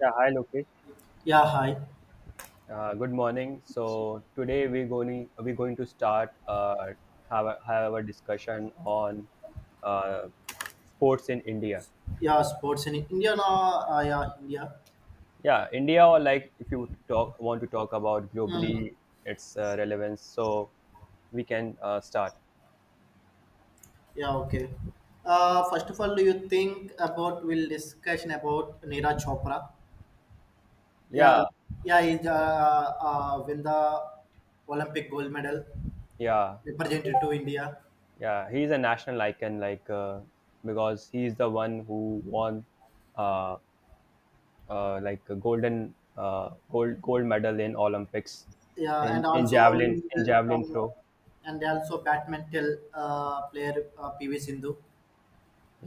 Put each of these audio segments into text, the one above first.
Yeah, hi Lokesh. Yeah, hi. Good morning. So today we're going to start have have a discussion on uh, sports in India. Yeah, sports in India. No, yeah, India. Yeah, India, or like if you talk want to talk about Mm. globally its relevance. So we can start. Yeah, okay. First of all, do you think about we'll discussion about Neera Chopra? Yeah, Yeah, yeah, he's win the Olympic gold medal, yeah, represented to India. yeah. He's a national icon, like, because he's the one who won uh, like a gold medal in Olympics, Yeah, and in also win javelin uh, throw. and also badminton player PV Sindhu.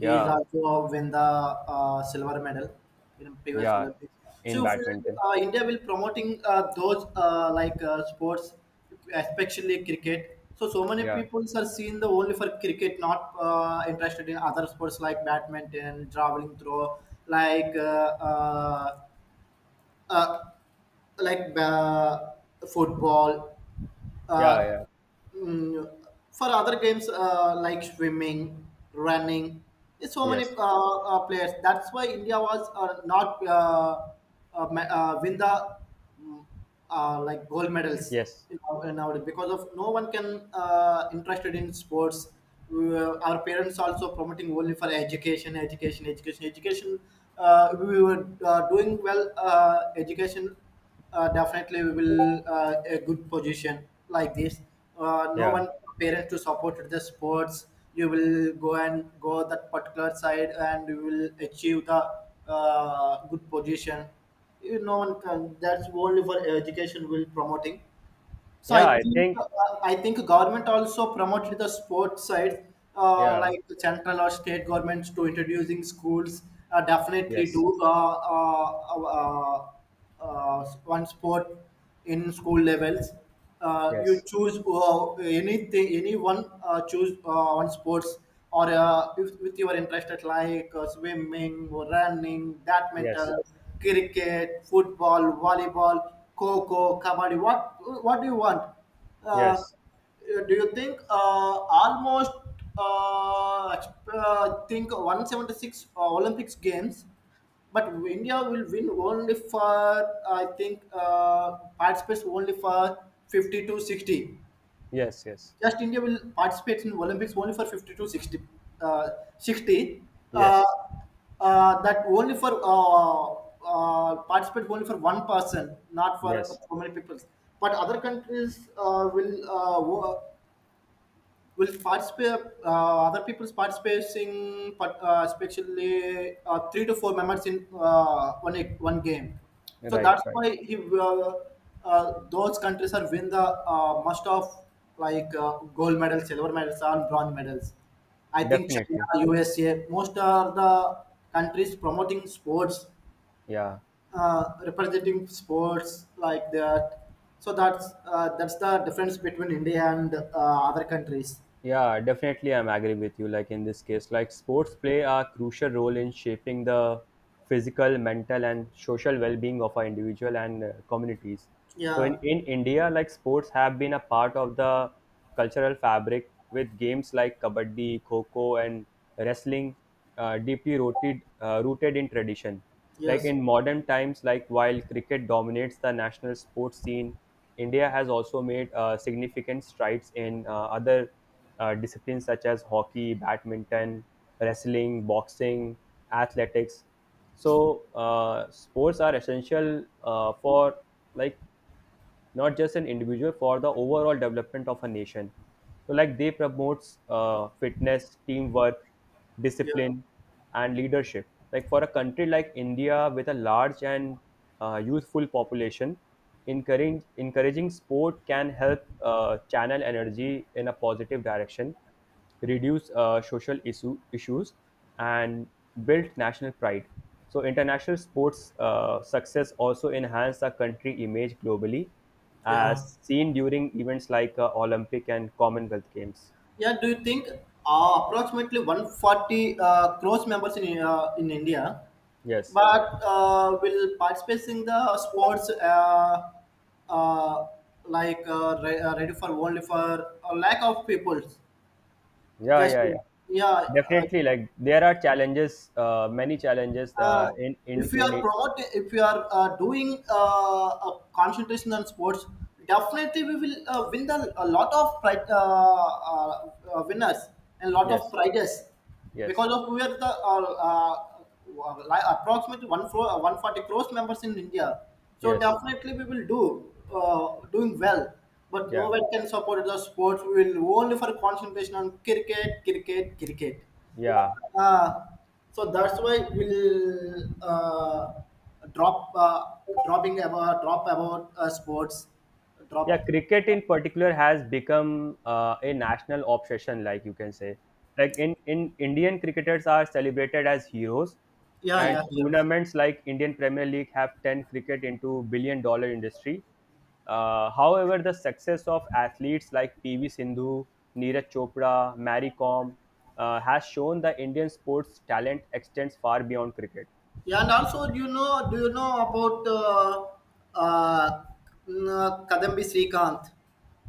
He is also win the silver medal in previous yeah, Olympics. in So if, badminton. India will promoting those like sports, especially cricket. So so many Yeah, people are seeing the only for cricket, not interested in other sports like badminton, javelin throw, like uh, uh, uh, like football. yeah, Uh, yeah. mm, for other games like swimming, running, there's so many Yes, players. That's why India was not win the mm, like gold medals yes, in our because of no one can interested in sports. Our parents also promoting only for education, education, education, education. We were doing well education definitely we will a good position like this. No yeah, one parents to support the sports. You will go and go that particular side, and you will achieve the good position. You, no one can. That's only for education. Will promoting. So yeah. I I think think uh, I think government also promoted the sports side, yeah, like the central or state governments to introducing schools. Definitely yes, do one sport in school levels. You yes, choose anything, anyone choose one sports or if, with your interest at like swimming or running, yes, badminton cricket, football, volleyball, coco, kabaddi. What do you want? Uh, yes, do you think almost uh, think 176 Olympics games, but India will win only for I think participates only for 50 to 60. yes, yes, Just India will participate in Olympics only for 50 to 60. Uh, 60 uh, yes, that only for participate only for one person, not for yes. so many people. But other countries will will participate other people's participating but especially three to four members in one game, so Right, that's right. why he those countries are win the most of like gold medals, silver medals and bronze medals. I think Definitely. China, USA most are the countries promoting sports, Yeah. Representing sports like that. So that's the difference between India and other countries. Yeah, definitely, I'm agree with you. Like in this case, like sports play a crucial role in shaping the physical, mental, and social well-being of our individual and communities. So Yeah. in India, like sports have been a part of the cultural fabric, with games like kabaddi, kho, and wrestling, deeply rooted rooted in tradition. Like Yes. in modern times, like while cricket dominates the national sports scene, India has also made significant strides in other disciplines such as hockey, badminton, wrestling, boxing, athletics. So sports are essential for, like, not just an individual, for the overall development of a nation. So like they promotes fitness, teamwork, Yeah. discipline, and leadership. Like, for a country like India with a large and youthful population, encouraging sport can help channel energy in a positive direction. Reduce social issues, and built national pride. So, international sports success also enhanced the country image globally, Yeah. as seen during events like Olympic and Commonwealth Games. Yeah. Do you think approximately 140 crores members in India, Yes. but will participate in the sports uh, like ready for only for a lack of people? Yeah, Just yeah, yeah. yeah. Definitely. Like there are challenges, many challenges uh, uh, in in if you in. are it. promoting, if you are doing a concentration on sports, definitely we will win the, a lot of winners and lot of Yes, prizes yes, because of we are the approximately 140 crores members in India. So yes. definitely we will do doing well. But no Yeah, one can support the sports. We will only for concentration on cricket, cricket, cricket, yeah. uh, so that's why we'll drop uh, dropping about drop about sports Yeah, drop. cricket in particular has become a national obsession, like, you can say. Like in Indian, cricketers are celebrated as heroes, Yeah, and yeah, yes, tournaments like Indian Premier League have turned cricket into billion dollar industry. However, the success of athletes like PV Sindhu, Neeraj Chopra, Mary Kom has shown the Indian sports talent extends far beyond cricket. yeah, and also do you know about uh, Kadambi Srikanth?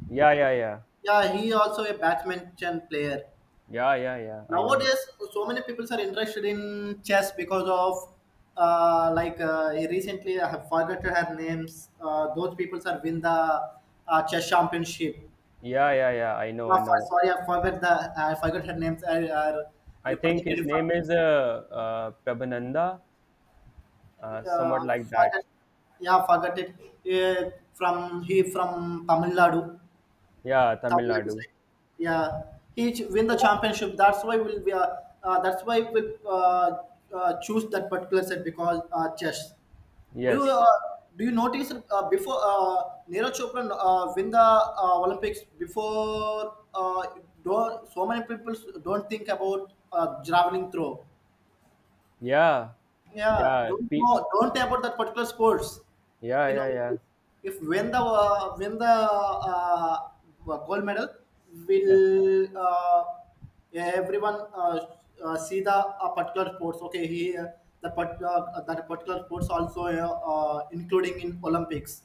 Yeah, yeah, yeah, Yeah, he also a badminton player. yeah. I know. Nowadays so many people are interested in chess because of recently I have forgotten her names. Those people are win the chess championship. Yeah. I know, I know. Sorry, I forgot the, I forgot her names. I I think his Represented from name is Prabhananda, uh, somewhat like that. forgot, yeah, forgot it. uh, from, he from Tamil Nadu, Yeah, Tamil Tamil Nadu. side. Yeah, win the championship. That's why we'll be. That's why we choose that particular set because chess. Yes. Do uh, do you notice before Neeraj Chopra win the Olympics before don't so many people don't think about javelin throw. Yeah. Yeah, Yeah. P- don't know about that particular sports. yeah. You know, Yeah. Yeah. if win the win the gold medal, Yes. will everyone see the particular sports? Okay, that particular sports also including in Olympics.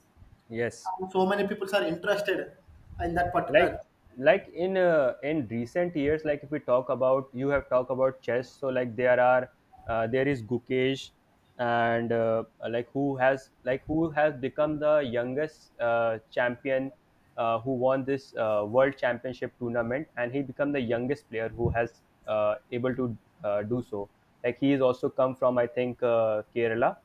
Yes. And so many people are interested in that particular. like like in recent years, like, if we talk about, you have talked about chess. So, like, there are there is Gukesh, and like, who has like who has become the youngest champion, who won this world championship tournament, and he become the youngest player who has able to do so. Like, he is also come from, I think, Kerala.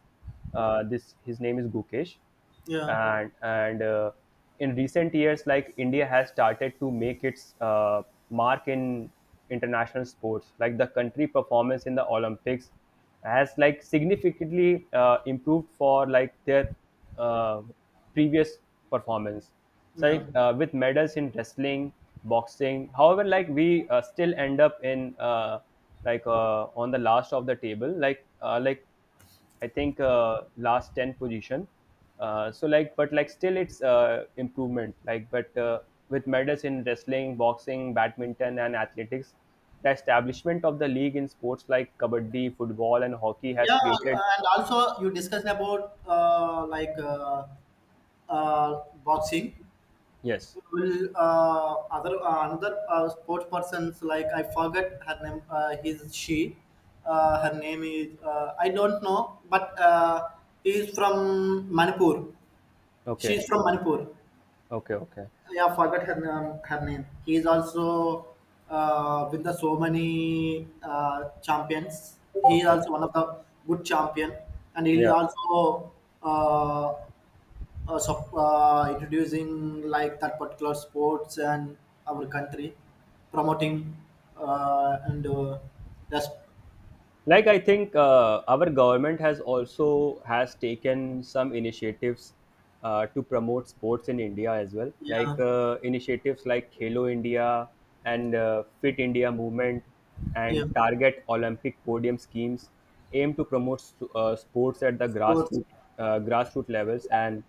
This, his name is Gukesh. Yeah, And in recent years, like India has started to make its mark in international sports. Like, the country performance in the Olympics has, like, significantly improved for, like, their uh, previous performance. So, yeah. like, with medals in wrestling, boxing, however, like we still end up in, like, on the last of the table, like, like, I think last ten position. So like, but like still it's improvement. Like, but with medals in wrestling, boxing, badminton, and athletics, the establishment of the league in sports like kabaddi, football, and hockey has Yeah, created. and also you discussed about boxing. Yes. Will other another sports persons like I forget her name. Her name is I don't know, but he is from Manipur. She Okay. is from Manipur. Okay. Okay. Yeah, forgot her name. Her name. He is also with the so many champions. He is Okay. also one of the good champion, and he is Yeah. also uh, introducing like that particular sports and our country promoting and that's I think our government has also has taken some initiatives to promote sports in India as well. Like yeah, initiatives like Halo India and Fit India movement yeah, and target Olympic podium schemes aim to promote sports at the sports. Grassroots levels and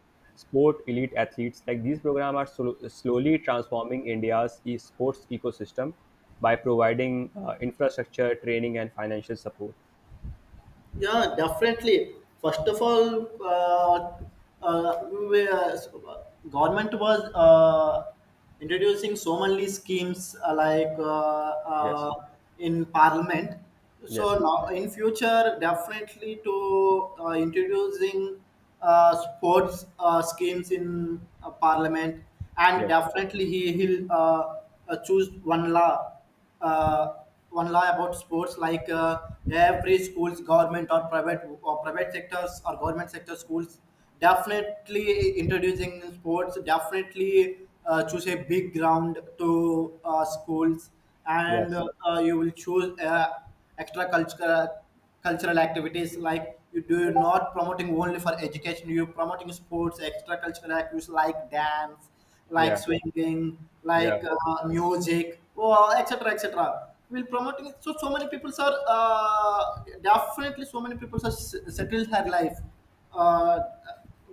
sport elite athletes. Like, these programs are slowly transforming India's sports ecosystem by providing infrastructure, training, and financial support. Yeah, definitely. First of all, uh, we, uh, government was introducing so many schemes Yes, in parliament. So yes, now in future, definitely to introducing sports schemes in parliament, and yes, definitely he'll choose one law, uh, one law about sports. Like every schools, government or private, or private sectors or government sector schools, definitely introducing sports, definitely choose a big ground to schools, and yes, you will choose extra culture, cultural activities. Like you do not promoting only for education, you're promoting sports, extracurricular activities like dance, like yeah, swinging, yeah, like music or etc, etc. We're promoting it, so so many people are definitely so many people are settled her life uh,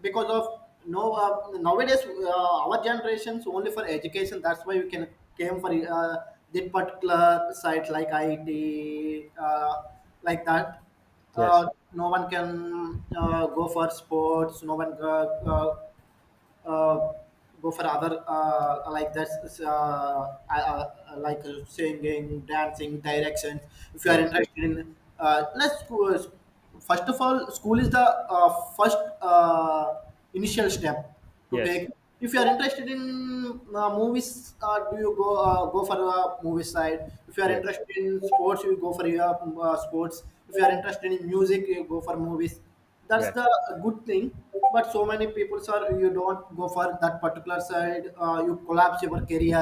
because of no nowadays our generations only for education. That's why we can came for that particular site like IT, like that. uh, yes, no one can go for sports. No one uh, go for other like singing, dancing, directions. If you are yes, interested in, let's go. First of all, school is the first initial step to yes, take. If you are interested in movies, do you go go for movie side. If you are yes, interested in sports, you go for your sports. If you are interested in music, you go for movies. That's yes, the good thing, but so many people are you don't go for that particular side, you collapse your career.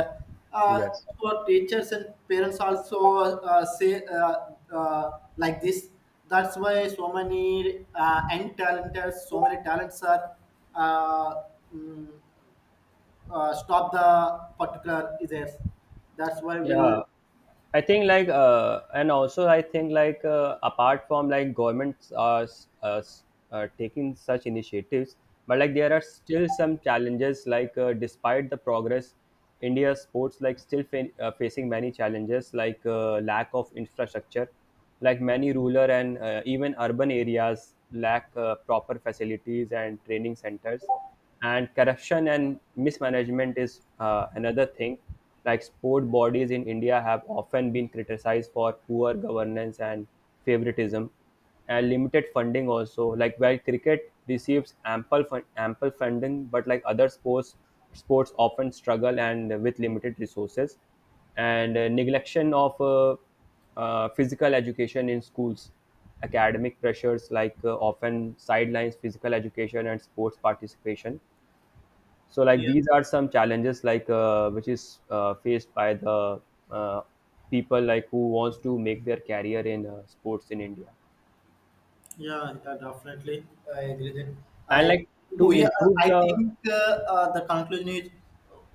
uh, yes, so teachers and parents also say like this. That's why so many young talented, so many talents are uh, mm, stop the particular is there. That's why we'll. yeah. I think, like, and also I think, like, apart from, like, governments are taking such initiatives, but like there are still some challenges. Like, despite the progress, India sports, like, still facing many challenges, like lack of infrastructure, like many rural and even urban areas lack proper facilities and training centers, and corruption and mismanagement is another thing. Like sport bodies in India have often been criticized for poor governance and favoritism, and limited funding also. Like, while cricket receives ample funding, but like other sports often struggle and with limited resources. And neglection of physical education in schools, academic pressures, like often sidelines physical education and sports participation. So, like, these are some challenges, like which is faced by the uh, people, like who wants to make their career in sports in India. Yeah, yeah, definitely. I agree that. And, I like, to we are, improve I the, think the conclusion is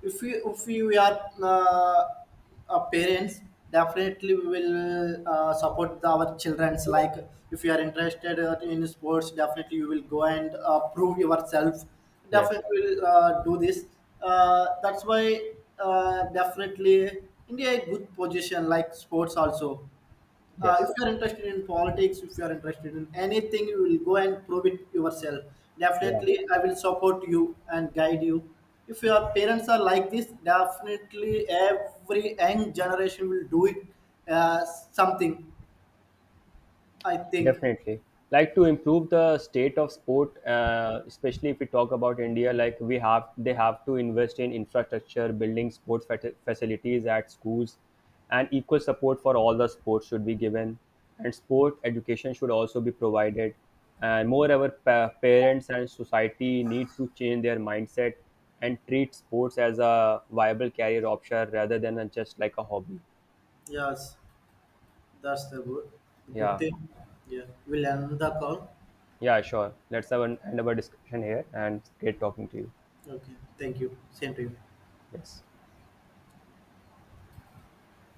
if we we are parents, definitely we will support the, our childrens. Like if you are interested in sports, definitely you will go and prove yourself, yes, definitely will do this. That's why definitely India is good position, like sports also. If yes, you are interested in politics, if you are interested in anything, you will go and prove it yourself. yeah, Definitely I will support you and guide you. If your parents are like this, definitely every young generation will do it, uh, something, I think. definitely. Like, to improve the state of sport, especially if we talk about India, like we have, they have to invest in infrastructure, building sports facilities at schools, and equal support for all the sports should be given. And sport education should also be provided. And moreover, parents and society need to change their mindset and treat sports as a viable career option rather than just like a hobby. Yes, that's the good good Yeah. thing. Yeah, we'll end the call. Yeah, sure. Let's have an end of our discussion here, and it's great talking to you. Okay, thank you, same to you. Yes.